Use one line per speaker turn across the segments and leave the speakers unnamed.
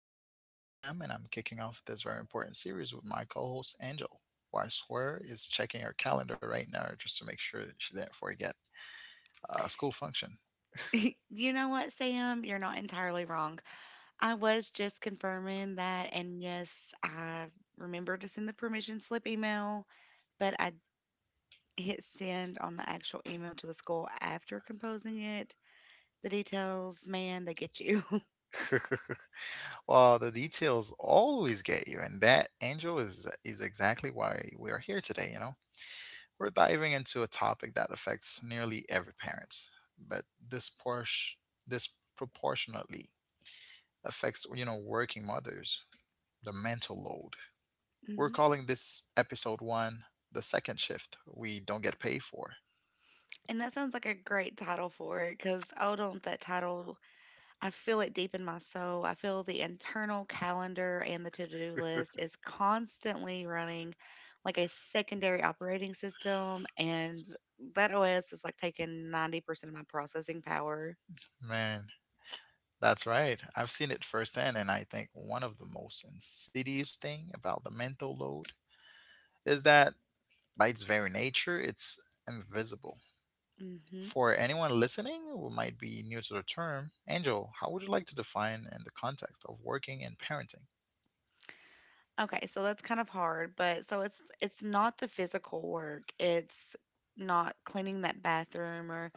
I'm your host, Sam, and I'm kicking off this very important series with my co host, Angel, who I swear is checking her calendar right now just to make sure that she didn't forget a school function.
You know what, Sam? You're not entirely wrong. I was just confirming that, and yes, I remember to send the permission slip email, but I hit send on the actual email to the school after composing it. The details, man, they get you.
Well, the details always get you, and that, Angel, is exactly why we are here today, you know? We're diving into a topic that affects nearly every parent, but disproportionately affects, you know, working mothers, the mental load.
Mhm.
We're calling this episode one, the second shift we don't get paid for.
And that sounds like a great title for it because I don't that title. I feel it deep in my soul. I feel the internal calendar and the to do list is constantly running like a secondary operating system. And that OS is like taking 90% of my processing power.
Man, that's right. I've seen it firsthand, and I think one of the most insidious thing about the mental load is that by its very nature, it's invisible.
Hmm.
For anyone listening who might be new to the term, Angel, how would you like to define in the context of working and parenting?
Okay, so that's kind of hard, but so it's not the physical work. It's not cleaning that bathroom or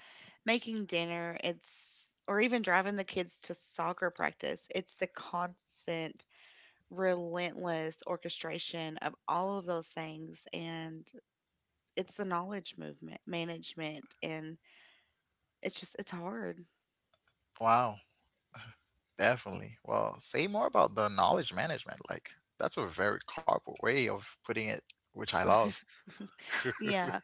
making dinner. It's or even driving the kids to soccer practice. It's the constant, relentless orchestration of all of those things, and it's the knowledge movement management, and it's just it's hard.
Wow, definitely. Well, say more about the knowledge management. Like, that's a very corporate way of putting it, which I love.
Yeah.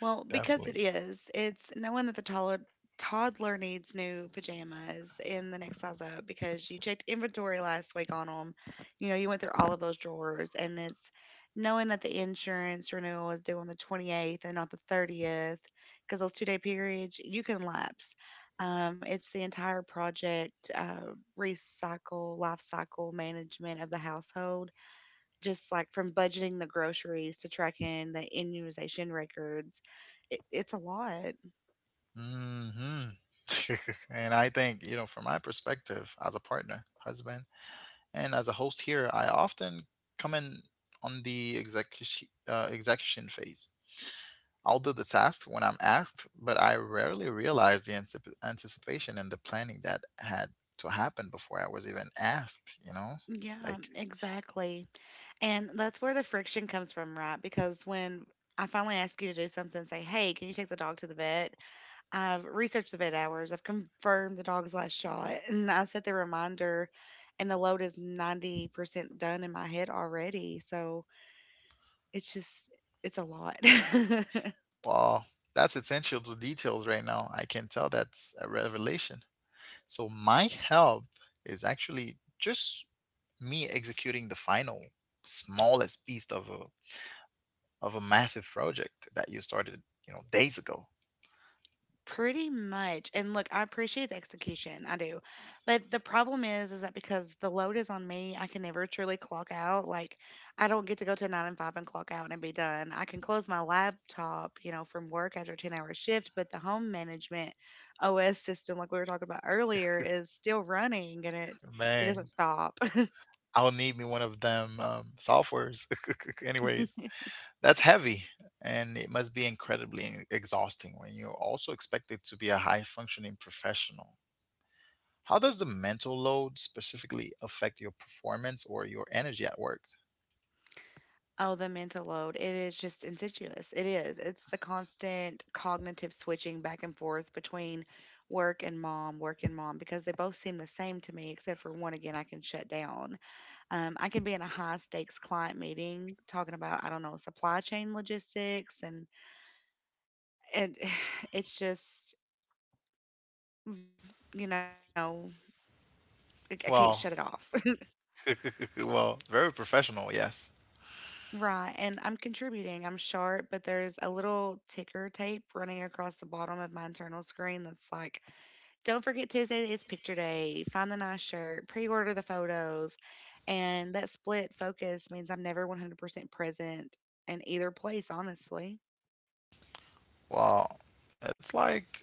Well, because it
Definitely.
is, it's knowing that the toddler needs new pajamas in the next size up because you checked inventory last week on them. You know, you went through all of those drawers, and it's knowing that the insurance renewal is due on the 28th and not the 30th because those 2 day periods you can lapse. It's the entire project recycle, life cycle management of the household, just like from budgeting the groceries to tracking the immunization records. It's a lot.
Hmm. And I think, you know, from my perspective as a partner, husband, and as a host here, I often come in on the execution phase. I'll do the task when I'm asked, but I rarely realize the anticipation and the planning that had to happen before I was even asked, you know?
Yeah,
Like,
exactly. And that's where the friction comes from, right? Because when I finally ask you to do something, say, hey, can you take the dog to the vet? I've researched the vet hours, I've confirmed the dog's last shot, and I set the reminder, and the load is 90% done in my head already. So it's just, it's a lot.
well, that's essential to details right now. I can tell that's a revelation. So, my help is actually just me executing the final smallest piece of a massive project that you started, you know, days ago.
Pretty much. And look, I appreciate the execution. I do. But the problem is that because the load is on me, I can never truly clock out. Like, I don't get to go to nine and five and clock out and be done. I can close my laptop, you know, from work after a 10-hour shift, but the home management OS system, like we were talking about earlier, is still running, and it
Man,
doesn't stop.
I'll need me one of them softwares anyways. That's heavy, and it must be incredibly exhausting when you're also expected to be a high functioning professional. How does the mental load specifically affect your performance or your energy at work?
Oh, the mental load. It is just insidious. It is. It's the constant cognitive switching back and forth between work and mom, because they both seem the same to me, except for one again, I can shut down. I can be in a high stakes client meeting talking about, I don't know, supply chain logistics, and it's just, you know, I can't shut it off.
Well, well, very professional, yes.
Right, and I'm contributing. I'm sharp, but there's a little ticker tape running across the bottom of my internal screen that's like, don't forget Tuesday is picture day. Find the nice shirt, pre order the photos. And that split focus means I'm never 100% present in either place, honestly.
Well, it's like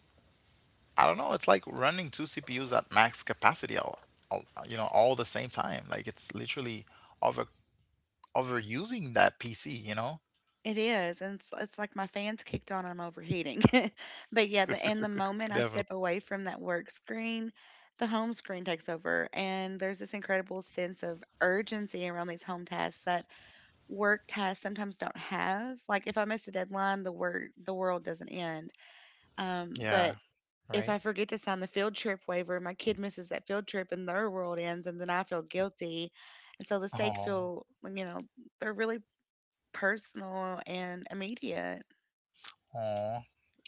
I don't know, it's like running two CPUs at max capacity all the same time. Like it's literally over overusing that PC, you know?
It is. And it's like my fans kicked on, I'm overheating. But yeah, and the moment I step
Definitely.
away from that work screen, the home screen takes over. And there's this incredible sense of urgency around these home tasks that work tasks sometimes don't have. Like if I miss a deadline, the world doesn't end. But
Yeah,
if I
right.
forget to sign the field trip waiver, my kid misses that field trip and their world ends, and then I feel guilty. And so the stakes
Oh.
feel, like, you know, they're really personal and immediate.
Oh,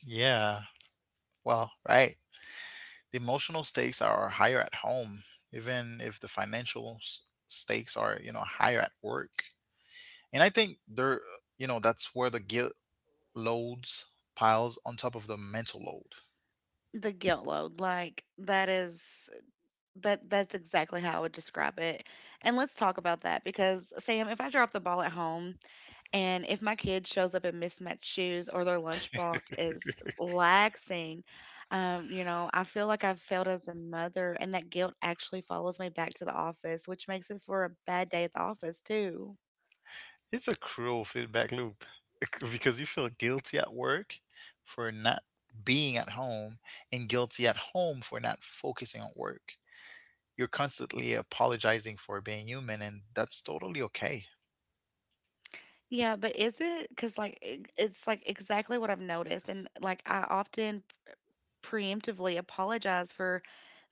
yeah. Well, right. The emotional stakes are higher at home, even if the financial stakes are, you know, higher at work. And I think there, you know, that's where the guilt loads piles on top of the mental load.
The guilt load, like that is that's exactly how I would describe it. And let's talk about that because Sam, if I drop the ball at home, and if my kid shows up in mismatched shoes or their lunchbox is laxing, you know, I feel like I've failed as a mother, and that guilt actually follows me back to the office, which makes it for a bad day at the office too.
It's a cruel feedback loop because you feel guilty at work for not being at home and guilty at home for not focusing on work. You're constantly apologizing for being human, and that's totally okay.
Yeah, but is it? Because like it's like exactly what I've noticed, and like I often preemptively apologize for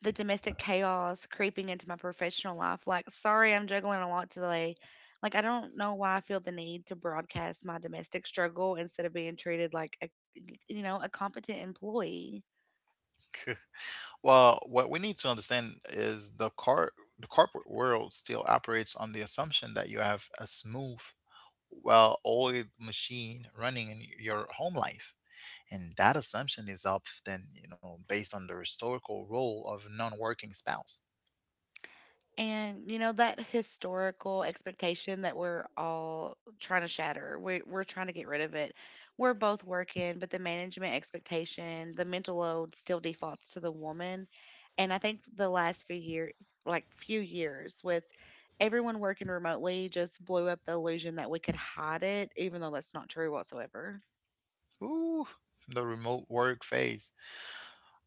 the domestic chaos creeping into my professional life. Like, sorry, I'm juggling a lot today. Like, I don't know why I feel the need to broadcast my domestic struggle instead of being treated like a, you know, a competent employee.
Well, what we need to understand is the corporate world still operates on the assumption that you have a smooth, well-oiled machine running in your home life. And that assumption is often, you know, based on the historical role of non-working spouse.
And you know that historical expectation that we're all trying to shatter. We're trying to get rid of it. We're both working, but the management expectation, the mental load still defaults to the woman. And I think the last few year like few years with everyone working remotely just blew up the illusion that we could hide it, even though that's not true whatsoever.
Ooh, the remote work phase.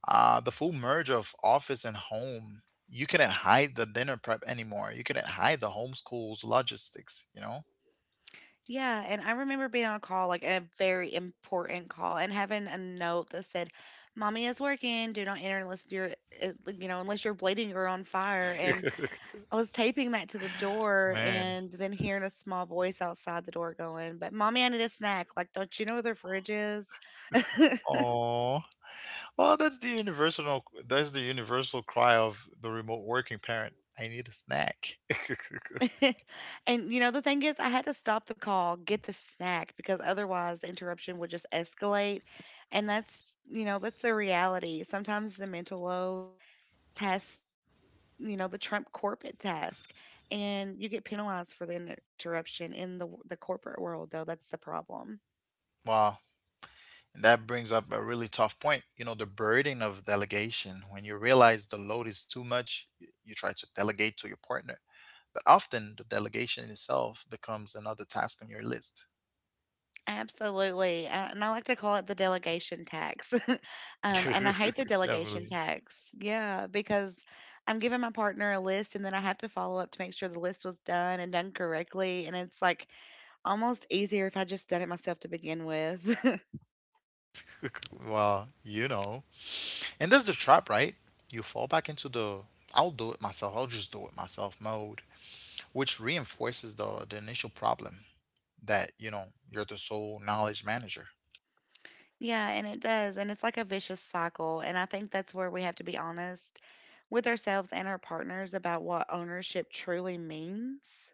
The full merge of office and home. You couldn't hide the dinner prep anymore. You couldn't hide the homeschool's logistics, you know?
Yeah, and I remember being on a call, like a very important call, and having a note that said, "Mommy is working. Do not enter unless you're, you know, unless you're bleeding or on fire." And I was taping that to the door,
Man.
and then hearing a small voice outside the door going, "But mommy, I need a snack. Like, don't you know where the fridge is?"
Oh. Well, that's the universal cry of the remote working parent. I need a snack.
And you know, the thing is, I had to stop the call, get the snack, because otherwise the interruption would just escalate, and that's, you know, that's the reality. Sometimes the mental load test, you know, the Trump corporate task, and you get penalized for the interruption in the corporate world. Though that's the problem.
Wow. And that brings up a really tough point. You know, the burden of delegation. When you realize the load is too much, you try to delegate to your partner. But often the delegation itself becomes another task on your list.
Absolutely, and I like to call it the delegation tax. And I hate the delegation
Definitely.
tax. Yeah, because I'm giving my partner a list, and then I have to follow up to make sure the list was done and done correctly. And it's like almost easier if I just done it myself to begin with.
Well, you know. And that's the trap, right? You fall back into the I'll do it myself, I'll just do it myself mode, which reinforces the initial problem. That, you know, you're the sole knowledge manager.
Yeah, and it does. And it's like a vicious cycle. And I think that's where we have to be honest with ourselves and our partners about what ownership truly means.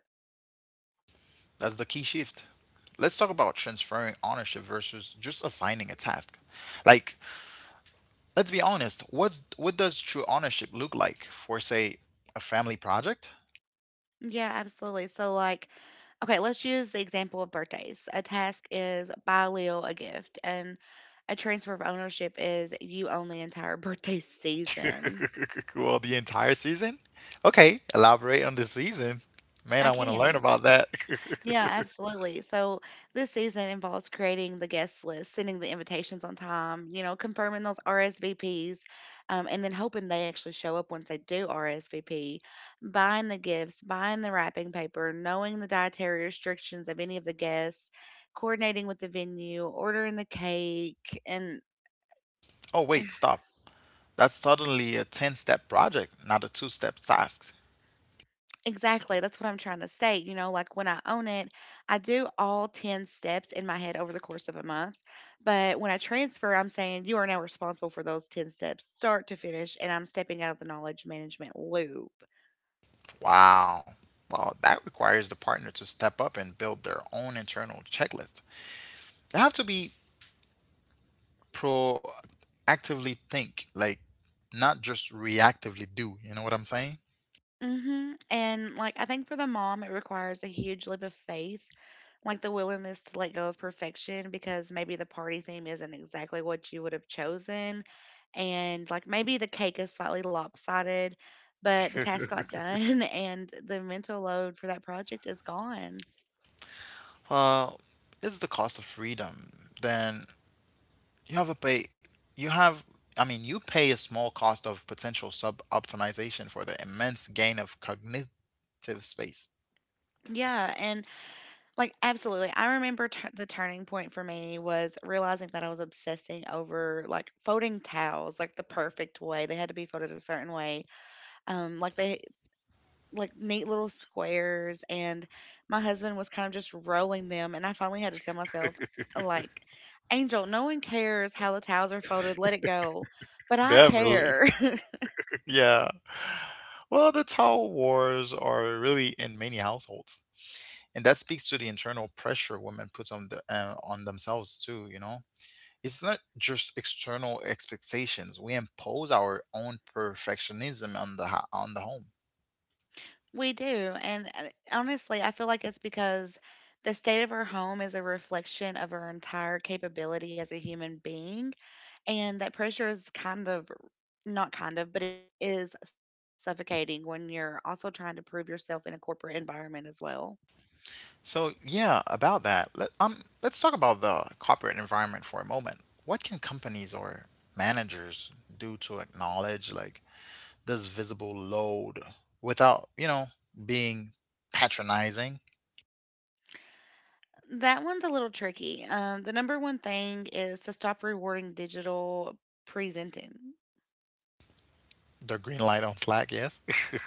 That's the key shift. Let's talk about transferring ownership versus just assigning a task. Like, let's be honest, what does true ownership look like for say a family project?
Yeah, absolutely. So, like, okay, let's use the example of birthdays. A task is buy Leo a gift, and a transfer of ownership is you own the entire birthday season.
Well, the entire season? Okay, elaborate on the season. Man,
I
I want to learn
can't.
about that.
Yeah, absolutely. So this season involves creating the guest list, sending the invitations on time, you know, confirming those RSVPs, and then hoping they actually show up once they do RSVP, buying the gifts, buying the wrapping paper, knowing the dietary restrictions of any of the guests, coordinating with the venue, ordering the cake, and
Oh, wait, stop. That's suddenly a 10 step project, not a two step task.
exactly. That's what I'm trying to say. You know, like when I own it, I do all 10 steps in my head over the course of a month. But when I transfer, I'm saying you are now responsible for those 10 steps, start to finish. And I'm stepping out of the knowledge management loop.
Wow. Well, that requires the partner to step up and build their own internal checklist. They have to be proactively think, like not just reactively do. You know what I'm saying?
Hmm. And like, I think for the mom, it requires a huge leap of faith, like the willingness to let go of perfection because maybe the party theme isn't exactly what you would have chosen. And like maybe the cake is slightly lopsided, but the task got done, and the mental load for that project is gone.
Well, it's the cost of freedom. Then you have a pay. You have. I mean, you pay a small cost of potential sub optimization for the immense gain of cognitive space.
Yeah. And like, absolutely. I remember the turning point for me was realizing that I was obsessing over like folding towels, like the perfect way. They had to be folded a certain way. Like they like neat little squares, and my husband was kind of just rolling them, and I finally had to tell myself like Angel, no one cares how the towels are folded, let it go. But I
Definitely.
care.
Yeah. Well, the towel wars are really in many households. And that speaks to the internal pressure women put on on themselves too, you know. It's not just external expectations. We impose our own perfectionism on on the home.
We do. And honestly, I feel like it's because the state of our home is a reflection of our entire capability as a human being, and that pressure is not kind of, but it is suffocating when you're also trying to prove yourself in a corporate environment as well.
So, yeah, about that. Let's talk about the corporate environment for a moment. What can companies or managers do to acknowledge like this visible load without, you know, being patronizing.
That one's a little tricky. The number one thing is to stop rewarding digital presenting.
The green light on Slack, yes.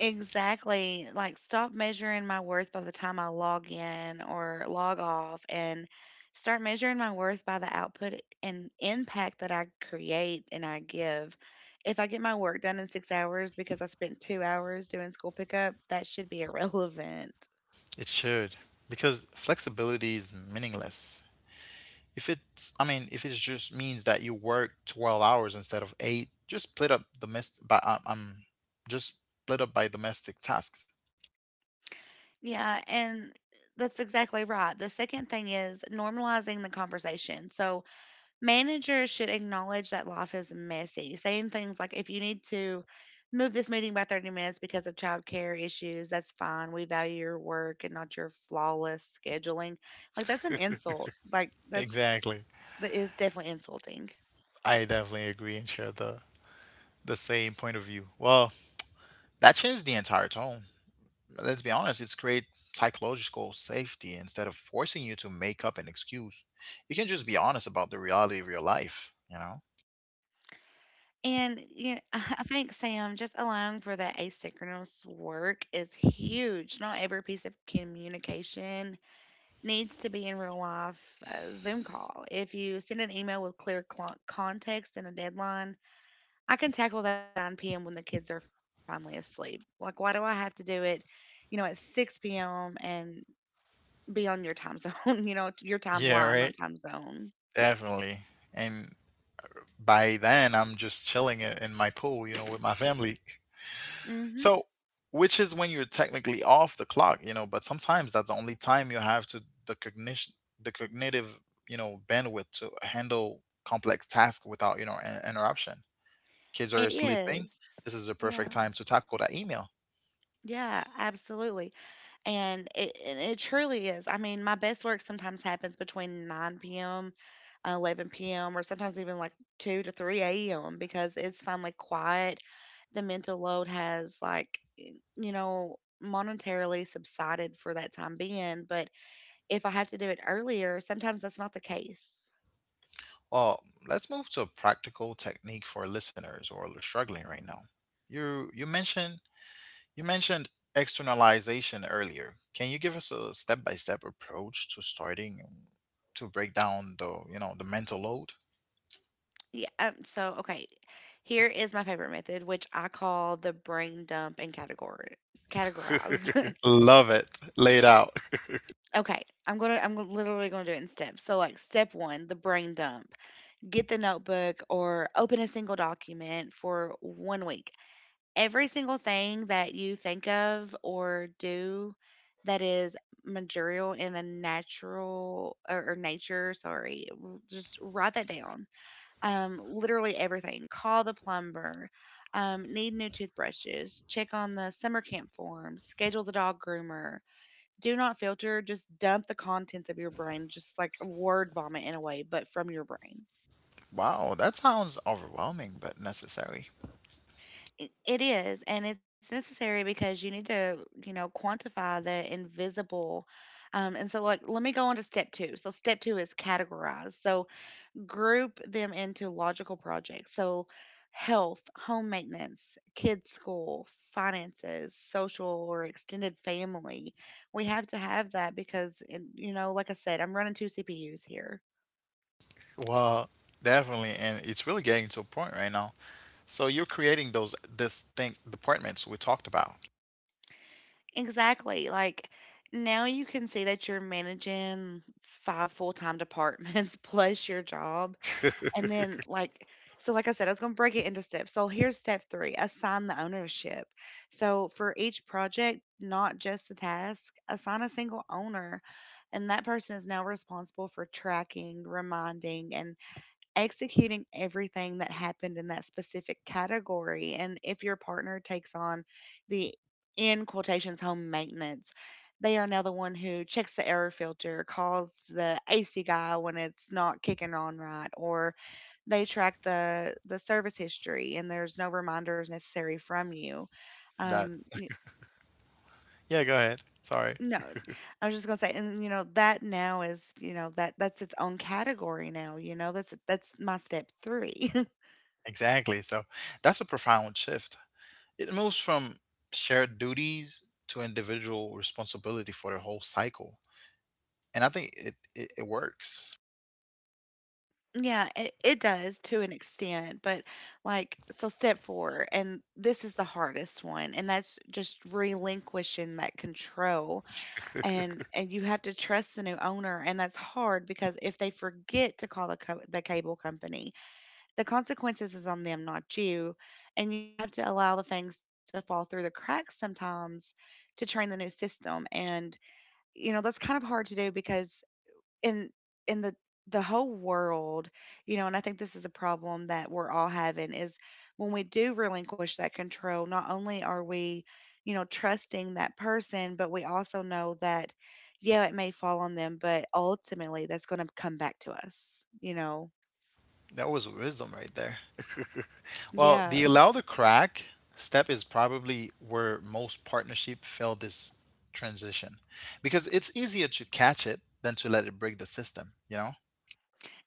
Exactly. Like, stop measuring my worth by the time I log in or log off, and start measuring my worth by the output and impact that I create and I give. If I get my work done in 6 hours because I spent 2 hours doing school pickup, that should be irrelevant.
It should. Because flexibility is meaningless. If it's, I mean, if it just means that you work 12 hours instead of 8, just split up domestic, by, just split up by domestic tasks.
Yeah, and that's exactly right. The second thing is normalizing the conversation. So, managers should acknowledge that life is messy, saying things like, if you need to move this meeting by 30 minutes because of childcare issues, that's fine. We value your work and not your flawless scheduling. Like, that's an insult. Like,
Exactly.
that is definitely insulting.
I definitely agree and share the same point of view. Well, that changed the entire tone. Let's be honest, it's create psychological safety instead of forcing you to make up an excuse. You can just be honest about the reality of your life, you know?
And you know, I think, Sam, just allowing for that asynchronous work is huge. Not every piece of communication needs to be in real life Zoom call. If you send an email with clear context and a deadline, I can tackle that at 9 p.m. when the kids are finally asleep. Like, why do I have to do it, at 6 p.m. and be on your time zone, you know, your
Yeah,
timeline, not
right.
time zone?
Definitely. And by then, I'm just chilling in my pool, you know, with my family.
hmm
So, which is when you're technically off the clock, you know, but sometimes that's the only time you have to the cognitive, you know, bandwidth to handle complex tasks without, you know, an interruption. Kids are
It
sleeping.
is.
This is the
Yeah.
perfect time to tackle that email.
Yeah, absolutely. And it truly is. I mean, my best work sometimes happens between 9 p.m., 11 p.m., or sometimes even like 2 to 3 a.m. because it's finally quiet, the mental load has like you know monetarily subsided for that time being. But if I have to do it earlier, sometimes that's not the case.
Well, let's move to a practical technique for listeners who are struggling right now. You you mentioned you mentioned externalization earlier. Can you give us a step-by-step approach to starting to break down the, you know, the mental load?
Yeah. So okay, here is my favorite method, which I call the brain dump and category categorize
Love it. Laid out.
Okay, I'm literally gonna do it in steps. So, like, step one, the brain dump. Get the notebook or open a single document for 1 week. Every single thing that you think of or do that is material in a natural or nature, sorry, just write that down. Literally everything. Call the plumber, need new toothbrushes, check on the summer camp form, schedule the dog groomer. Do not filter, just dump the contents of your brain, just like word vomit in a way, but from your brain.
Wow, that sounds overwhelming but necessary.
It is, and it's necessary because you need to, you know, quantify the invisible. And so, like, let me go on to step two. So step two is categorize. So group them into logical projects, so health, home maintenance, kids, school, finances, social, or extended family. We have to have that, because, and, you know, like I said, I'm running two CPUs here.
Well, definitely and it's really getting to a point right now. So you're creating those this thing departments we talked about.
Exactly. Like, now you can see that you're managing five full-time departments plus your job. And then, like, so like I said, I was going to break it into steps. So here's step 3, assign the ownership. So for each project, not just the task, assign a single owner, and that person is now responsible for tracking, reminding, and executing everything that happened in that specific category. And if your partner takes on the, in quotations, home maintenance, they are now the one who checks the air filter, calls the AC guy when it's not kicking on right, or they track the service history, and there's no reminders necessary from you.
That,
Um, y-
yeah, go ahead. Sorry.
no, I was just gonna say, and you know that now is, you know that that's its own category now. You know that's my step three.
Exactly. So that's a profound shift. It moves from shared duties to individual responsibility for the whole cycle. And I think it works.
Yeah, it does to an extent, but like, so step four, and this is the hardest one, and that's just relinquishing that control. And you have to trust the new owner, and that's hard because if they forget to call the the cable company, the consequences is on them, not you. And you have to allow the things to fall through the cracks sometimes to train the new system. And you know, that's kind of hard to do because in in the whole world, you know, and I think this is a problem that we're all having, is when we do relinquish that control, not only are we, you know, trusting that person, but we also know that, yeah, it may fall on them, but ultimately that's going to come back to us, you know.
That was wisdom right there. Well,
Yeah.
the allow the crack step is probably where most partnership fail this transition because it's easier to catch it than to let it break the system, you know?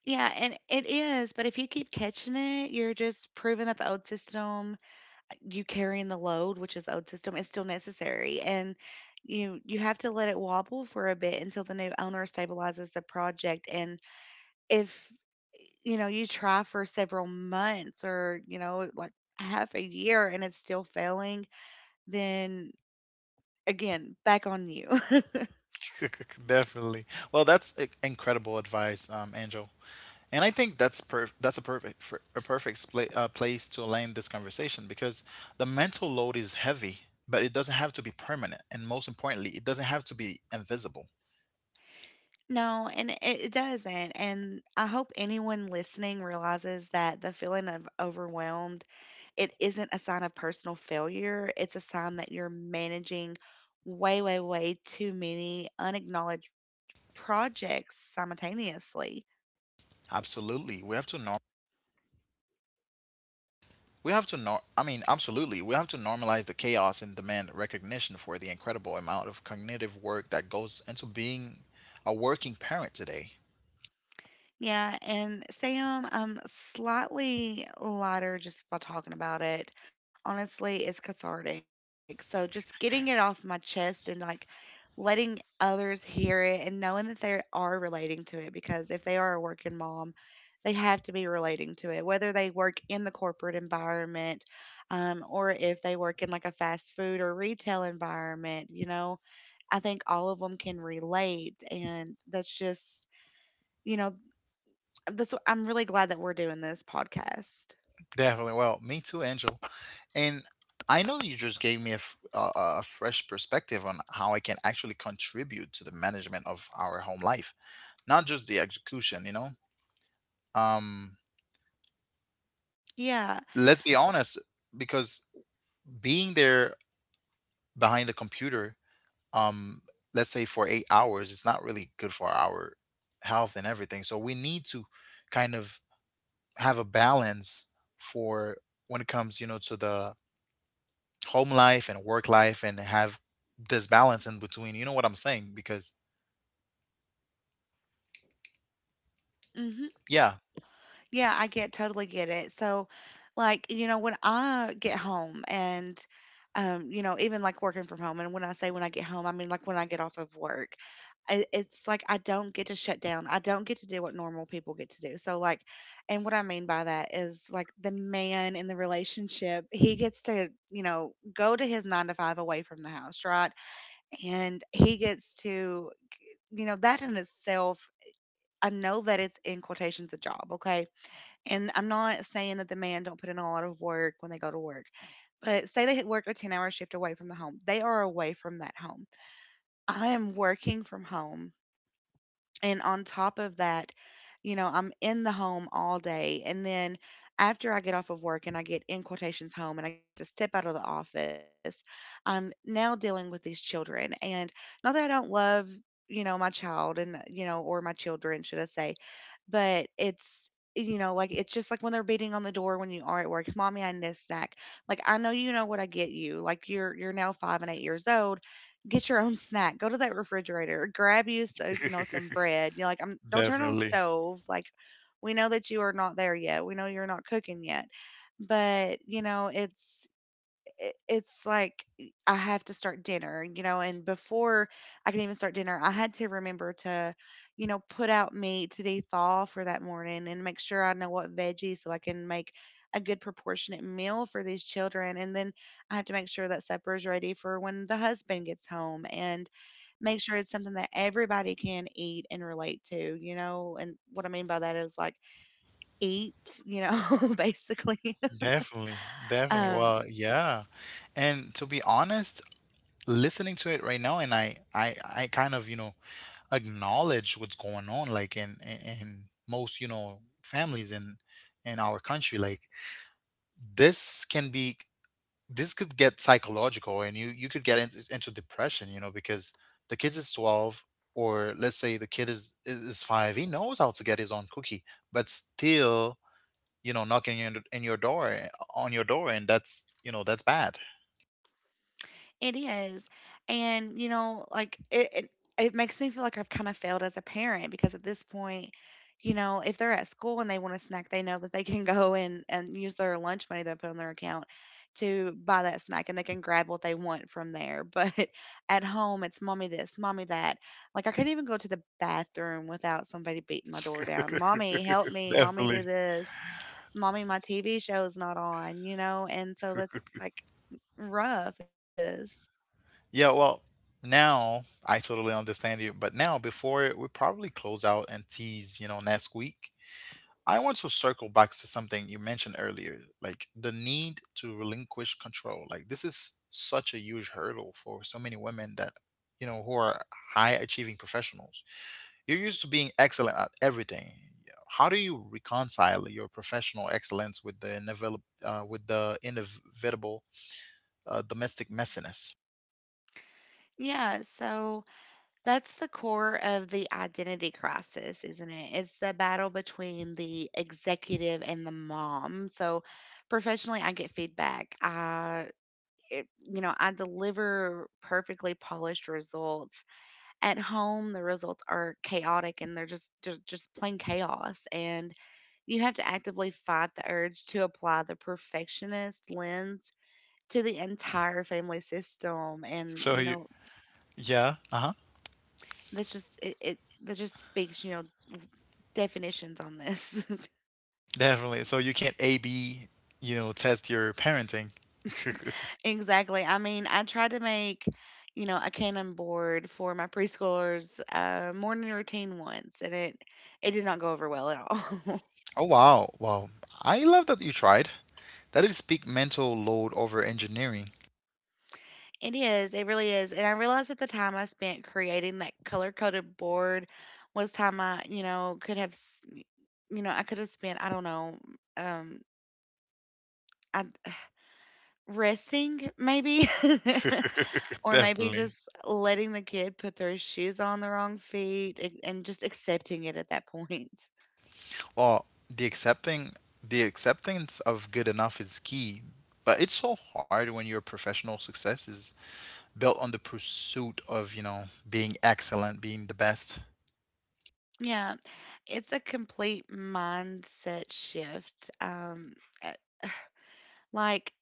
Yeah, and it is, but if you keep catching it, you're just proving that the old system, you carrying the load, which is the old system, is still necessary. And you have to let it wobble for a bit until the new owner stabilizes the project. And if, you know, you try for several months, or you know, like, half a year and it's still failing, then again, back on you.
Definitely. Well, that's incredible advice, Angel. And I think that's that's a perfect spla place to land this conversation because the mental load is heavy, but it doesn't have to be permanent, and most importantly, it doesn't have to be invisible.
No, and it doesn't. And I hope anyone listening realizes that the feeling of overwhelmed, it isn't a sign of personal failure. It's a sign that you're managing way, way, way too many unacknowledged projects simultaneously.
Absolutely, We have to nor. I mean, absolutely, we have to normalize the chaos and demand recognition for the incredible amount of cognitive work that goes into being a working parent today.
Yeah, and Sam, I'm slightly lighter just by talking about it. Honestly, it's cathartic. So just getting it off my chest and, like, letting others hear it and knowing that they are relating to it, because if they are a working mom, they have to be relating to it, whether they work in the corporate environment, or if they work in, like, a fast food or retail environment. You know, I think all of them can relate, and that's just, you know, that's wh I'm really glad that we're doing this podcast.
Definitely. Well, me too, Angel. And I know you just gave me a, f- a fresh perspective on how I can actually contribute to the management of our home life, not just the execution, you know? Um,
Yeah.
let's be honest, because being there behind the computer, um, let's say for 8 hours, it's not really good for our health and everything. So we need to kind of have a balance for when it comes, you know, to the home life and work life and have this balance in between. You know what I'm saying? Because
Mhm.
yeah.
Yeah, I get totally get it. So, like, you know, when I get home and, you know, even like working from home, and when I say when I get home, I mean, like, when I get off of work, it's like I don't get to shut down. I don't get to do what normal people get to do. So, like, and what I mean by that is, like, the man in the relationship, he gets to, you know, go to his nine to five away from the house, right? And he gets to, you know, that in itself, I know that it's, in quotations, a job, okay? And I'm not saying that the man don't put in a lot of work when they go to work, but say they had worked a 10-hour hour shift away from the home. They are away from that home. I am working from home, and on top of that, you know, I'm in the home all day. And then after I get off of work and I get, in quotations, home, and I get to step out of the office, I'm now dealing with these children. And not that I don't love, you know, my child, and, you know, or my children, should I say, but it's, you know, like, it's just like when they're beating on the door when you are at work. Mommy, I need a snack. Like, I know, you know what, I get you, like, you're now 5 and 8 years old. Get your own snack, go to that refrigerator, grab you, so, you know, some bread. You're like, I'm, don't turn on the
Definitely.
stove, like, we know that you are not there yet, we know you're not cooking yet, but, you know, it's, it's like I have to start dinner, you know, and before I can even start dinner, I had to remember to, you know, put out meat to thaw for that morning, and make sure I know what veggies so I can make a good proportionate meal for these children. And then I have to make sure that supper is ready for when the husband gets home, and make sure it's something that everybody can eat and relate to, you know. And what I mean by that is, like, eat, you know, basically.
Definitely. Definitely.
Um,
Well, yeah. And to be honest, listening to it right now and I kind of, you know, acknowledge what's going on like in in most, you know, families in our country. Like this can be this could get psychological and you could get into depression, you know, because the kid is 12, or let's say the kid is 5. He knows how to get his own cookie but still, you know, knocking in your door on your door, and that's you know that's bad.
It is. And, you know, like, it makes me feel like I've kind of failed as a parent, because at this point, you know, if they're at school and they want a snack, they know that they can go and use their lunch money they put on their account to buy that snack, and they can grab what they want from there. But at home, it's mommy this, mommy that. Like, I can't even go to the bathroom without somebody beating my door down. Mommy, help me. Mommy, do
Definitely.
this. Mommy, my TV show's not on, you know? And so that's, like, rough. It is.
Yeah, well, now I totally understand you, but now before we probably close out and tease, you know, next week, I want to circle back to something you mentioned earlier, like the need to relinquish control. Like, this is such a huge hurdle for so many women that, you know, who are high achieving professionals. You're used to being excellent at everything. How do you reconcile your professional excellence with the inevitable, domestic messiness?
Yeah, so that's the core of the identity crisis, isn't it? It's the battle between the executive and the mom. So, professionally, I get feedback. It, you know, I deliver perfectly polished results. At home, the results are chaotic, and they're just plain chaos. And you have to actively fight the urge to apply the perfectionist lens to the entire family system, and
So
you
you,
know
yeah, uh huh,
that's just it, it, that just speaks, you know, w- definitions on this.
definitely. So you can't A B, you know, test your parenting.
Exactly. I mean, I tried to make, you know, a cannon board for my preschoolers' morning routine once, and it did not go over well at all.
Oh, wow, wow. I love that you tried. That is big mental load over engineering.
It is, it really is. And I realized at the time I spent creating that color coded board was time I, you know, could have you know, I could have spent, I don't know, um I, resting maybe. Or maybe
Definitely.
just letting the kid put their shoes on the wrong feet, and just accepting it at that point.
Well, the acceptance of good enough is key, but it's so hard when your professional success is built on the pursuit of, you know, being excellent, being the best.
Yeah, it's a complete mindset shift. Uh, like,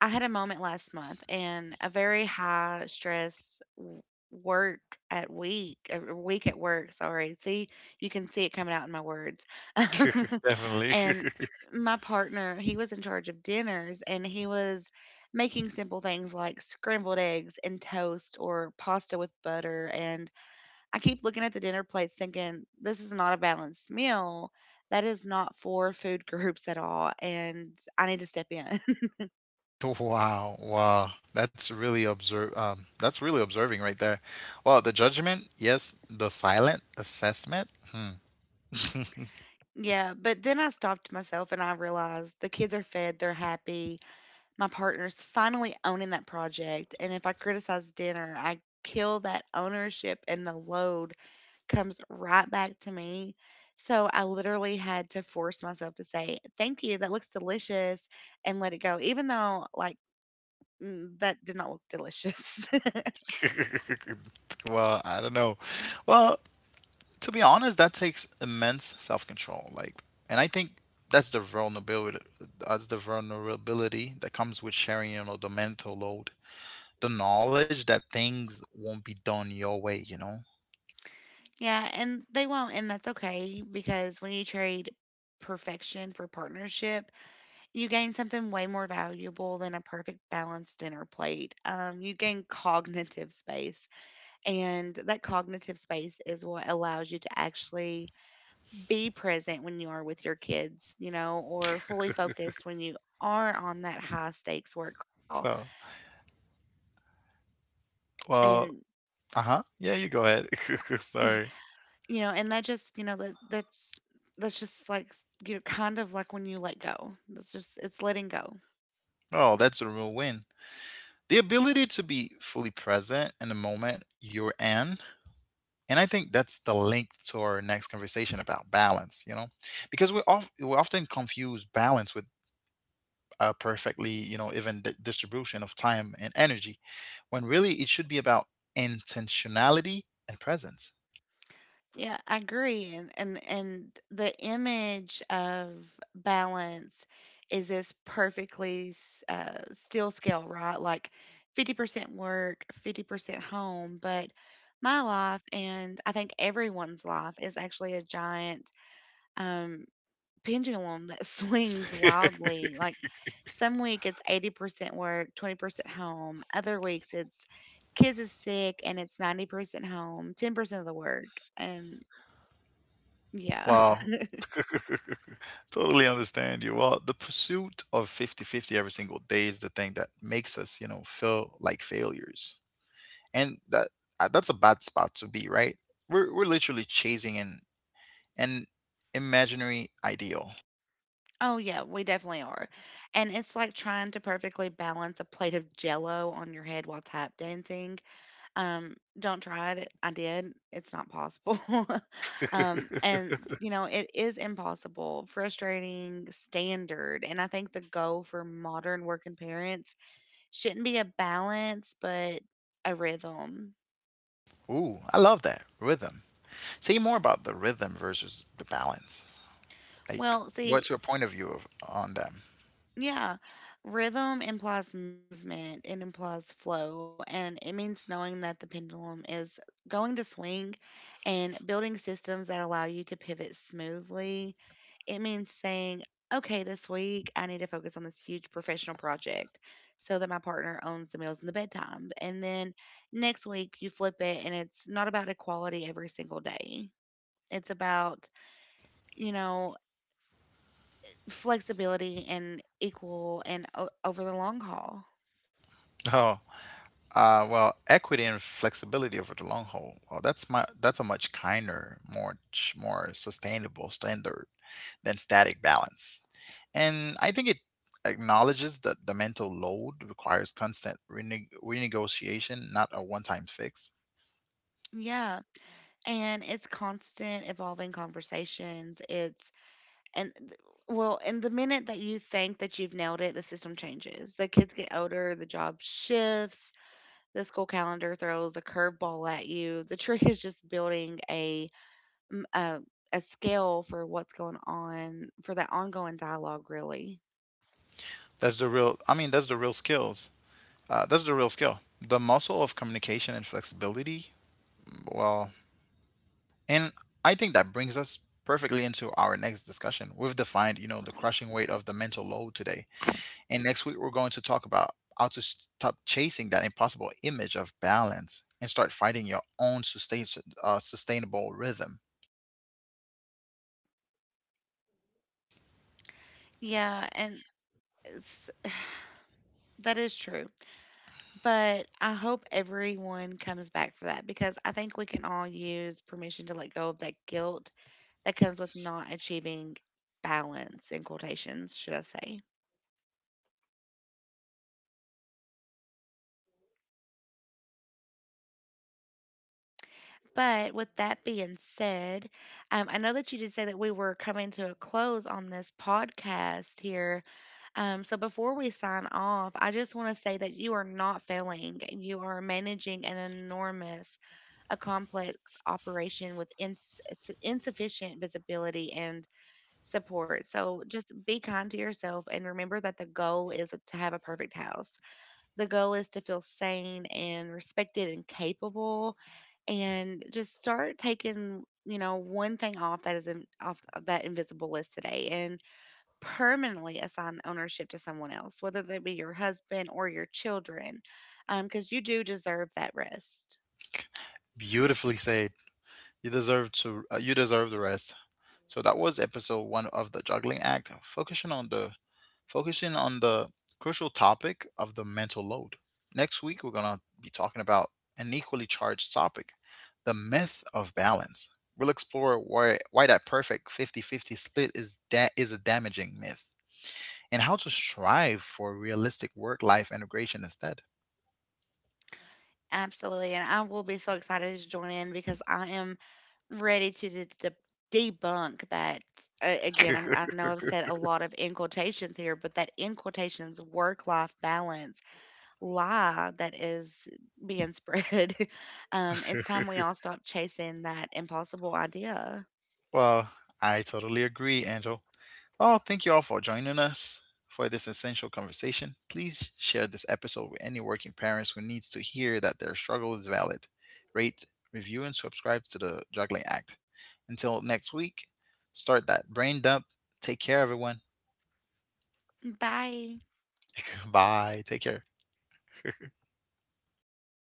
I had a moment last month, and a very high stress work a week at work. Sorry. See, you can see it coming out in my words.
Definitely.
And my partner, he was in charge of dinners, and he was making simple things like scrambled eggs and toast or pasta with butter. And I keep looking at the dinner plates thinking, this is not a balanced meal. That is not for food groups at all. And I need to step in.
Wow, wow. That's really observe that's really observing right there. Well, the judgment, yes, the silent assessment. Hmm.
Yeah, but then I stopped myself and I realized the kids are fed, they're happy. My partner's finally owning that project. And if I criticize dinner, I kill that ownership and the load comes right back to me. So I literally had to force myself to say, thank you, that looks delicious, and let it go, even though, that did not look delicious.
Well, I don't know. Well, to be honest, that takes immense self-control. Like, and I think that's the vulnerability. That's the vulnerability that comes with sharing, you know, the mental load, the knowledge that things won't be done your way. You know.
Yeah, and they won't, and that's okay, because when you trade perfection for partnership, you gain something way more valuable than a perfect balanced dinner plate. You gain cognitive space, and that cognitive space is what allows you to actually be present when you are with your kids, you know, or fully focused when you are on that high stakes work call.
Well,
And,
well, uh huh. Yeah, you go ahead. Sorry.
you and that just, that's just like, kind of like when you let go. It's letting go.
Oh, that's a real win. The ability to be fully present in the moment you're in. And I think that's the link to our next conversation about balance, you know, because we often confuse balance with a perfectly, you know, even distribution of time and energy, when really it should be about intentionality and presence.
Yeah, I agree. And the image of balance is this perfectly still scale, right? Like 50% work, 50% home. But my life, and I think everyone's life, is actually a giant um, pendulum that swings wildly. Like some week it's 80% work, 20% home. Other weeks it's kids is sick and it's 90% home, 10% of the work. And yeah.
Wow, totally understand you. Well, the pursuit of fifty-fifty every single day is the thing that makes us, you know, feel like failures. And that's a bad spot to be, right? We're literally chasing an imaginary ideal.
Oh, yeah, we definitely are. And it's like trying to perfectly balance a plate of jello on your head while tap dancing. Don't try it. I did. It's not possible. And, you know, it is impossible, frustrating, standard. And I think the goal for modern working parents shouldn't be a balance, but a rhythm.
Ooh, I love that rhythm. Say more about the rhythm versus the balance. Like,
Well, see,
what's your point of view on them?
yeah. Rhythm implies movement, it implies flow, and it means knowing that the pendulum is going to swing, and building systems that allow you to pivot smoothly. It means saying, okay, this week I need to focus on this huge professional project so that my partner owns the meals and the bedtime. And then next week you flip it, and it's not about equality every single day. It's about, you know, flexibility and over the long haul.
Oh, well, equity and flexibility over the long haul. Oh, that's a much kinder, much more sustainable standard than static balance, and I think it acknowledges that the mental load requires constant renegotiation, not a one-time fix.
Yeah. And it's constant evolving conversations. And th- well, and the minute that you think that you've nailed it, the system changes. The kids get older, the job shifts, the school calendar throws a curveball at you. The trick is just building mm, a, a scale for what's going on, for that ongoing dialogue, really.
That's the real. I mean, that's the real skills. That's the real skill. The muscle of communication and flexibility. Well, and I think that brings us perfectly into our next discussion. We've defined, you know, the crushing weight of the mental load today. And next week, we're going to talk about how to stop chasing that impossible image of balance and start fighting your own sustainable rhythm.
Yeah. S- that is true. But I hope everyone comes back for that, because I think we can all use permission to let go of that guilt that comes with not achieving balance, in quotations, should I say. But with that being said, I know that you did say that we were coming to a close on this podcast here. So before we sign off, I just want to say that you are not failing. You are managing an enormous, a complex operation with insufficient visibility and support. So just be kind to yourself and remember that the goal is to have a perfect house. The goal is to feel sane and respected and capable, and just start taking, you know, one thing off that is off of that invisible list today and permanently assign ownership to someone else, whether that be your husband or your children, because you do deserve that rest.
Beautifully said. You deserve to. You deserve the rest. So that was episode one of the Juggling Act, focusing on the crucial topic of the mental load. Next week we're gonna be talking about an equally charged topic, the myth of balance. We'll explore why that perfect fifty-fifty split is a damaging myth and how to strive for realistic work-life integration instead.
Absolutely. And I will be so excited to join in because I am ready to de de debunk that. A Again, I know I've said a lot of in quotations here, but that in quotations work-life balance lie that is being spread. It's time we all stop chasing that impossible idea.
Well, I totally agree, Angel. Well, thank you all for joining us for this essential conversation. Please share this episode with any working parents who needs to hear that their struggle is valid. Rate, review, and subscribe to the Juggling Act. Until next week, start that brain dump. Take care, everyone.
Bye.
Bye. Take care.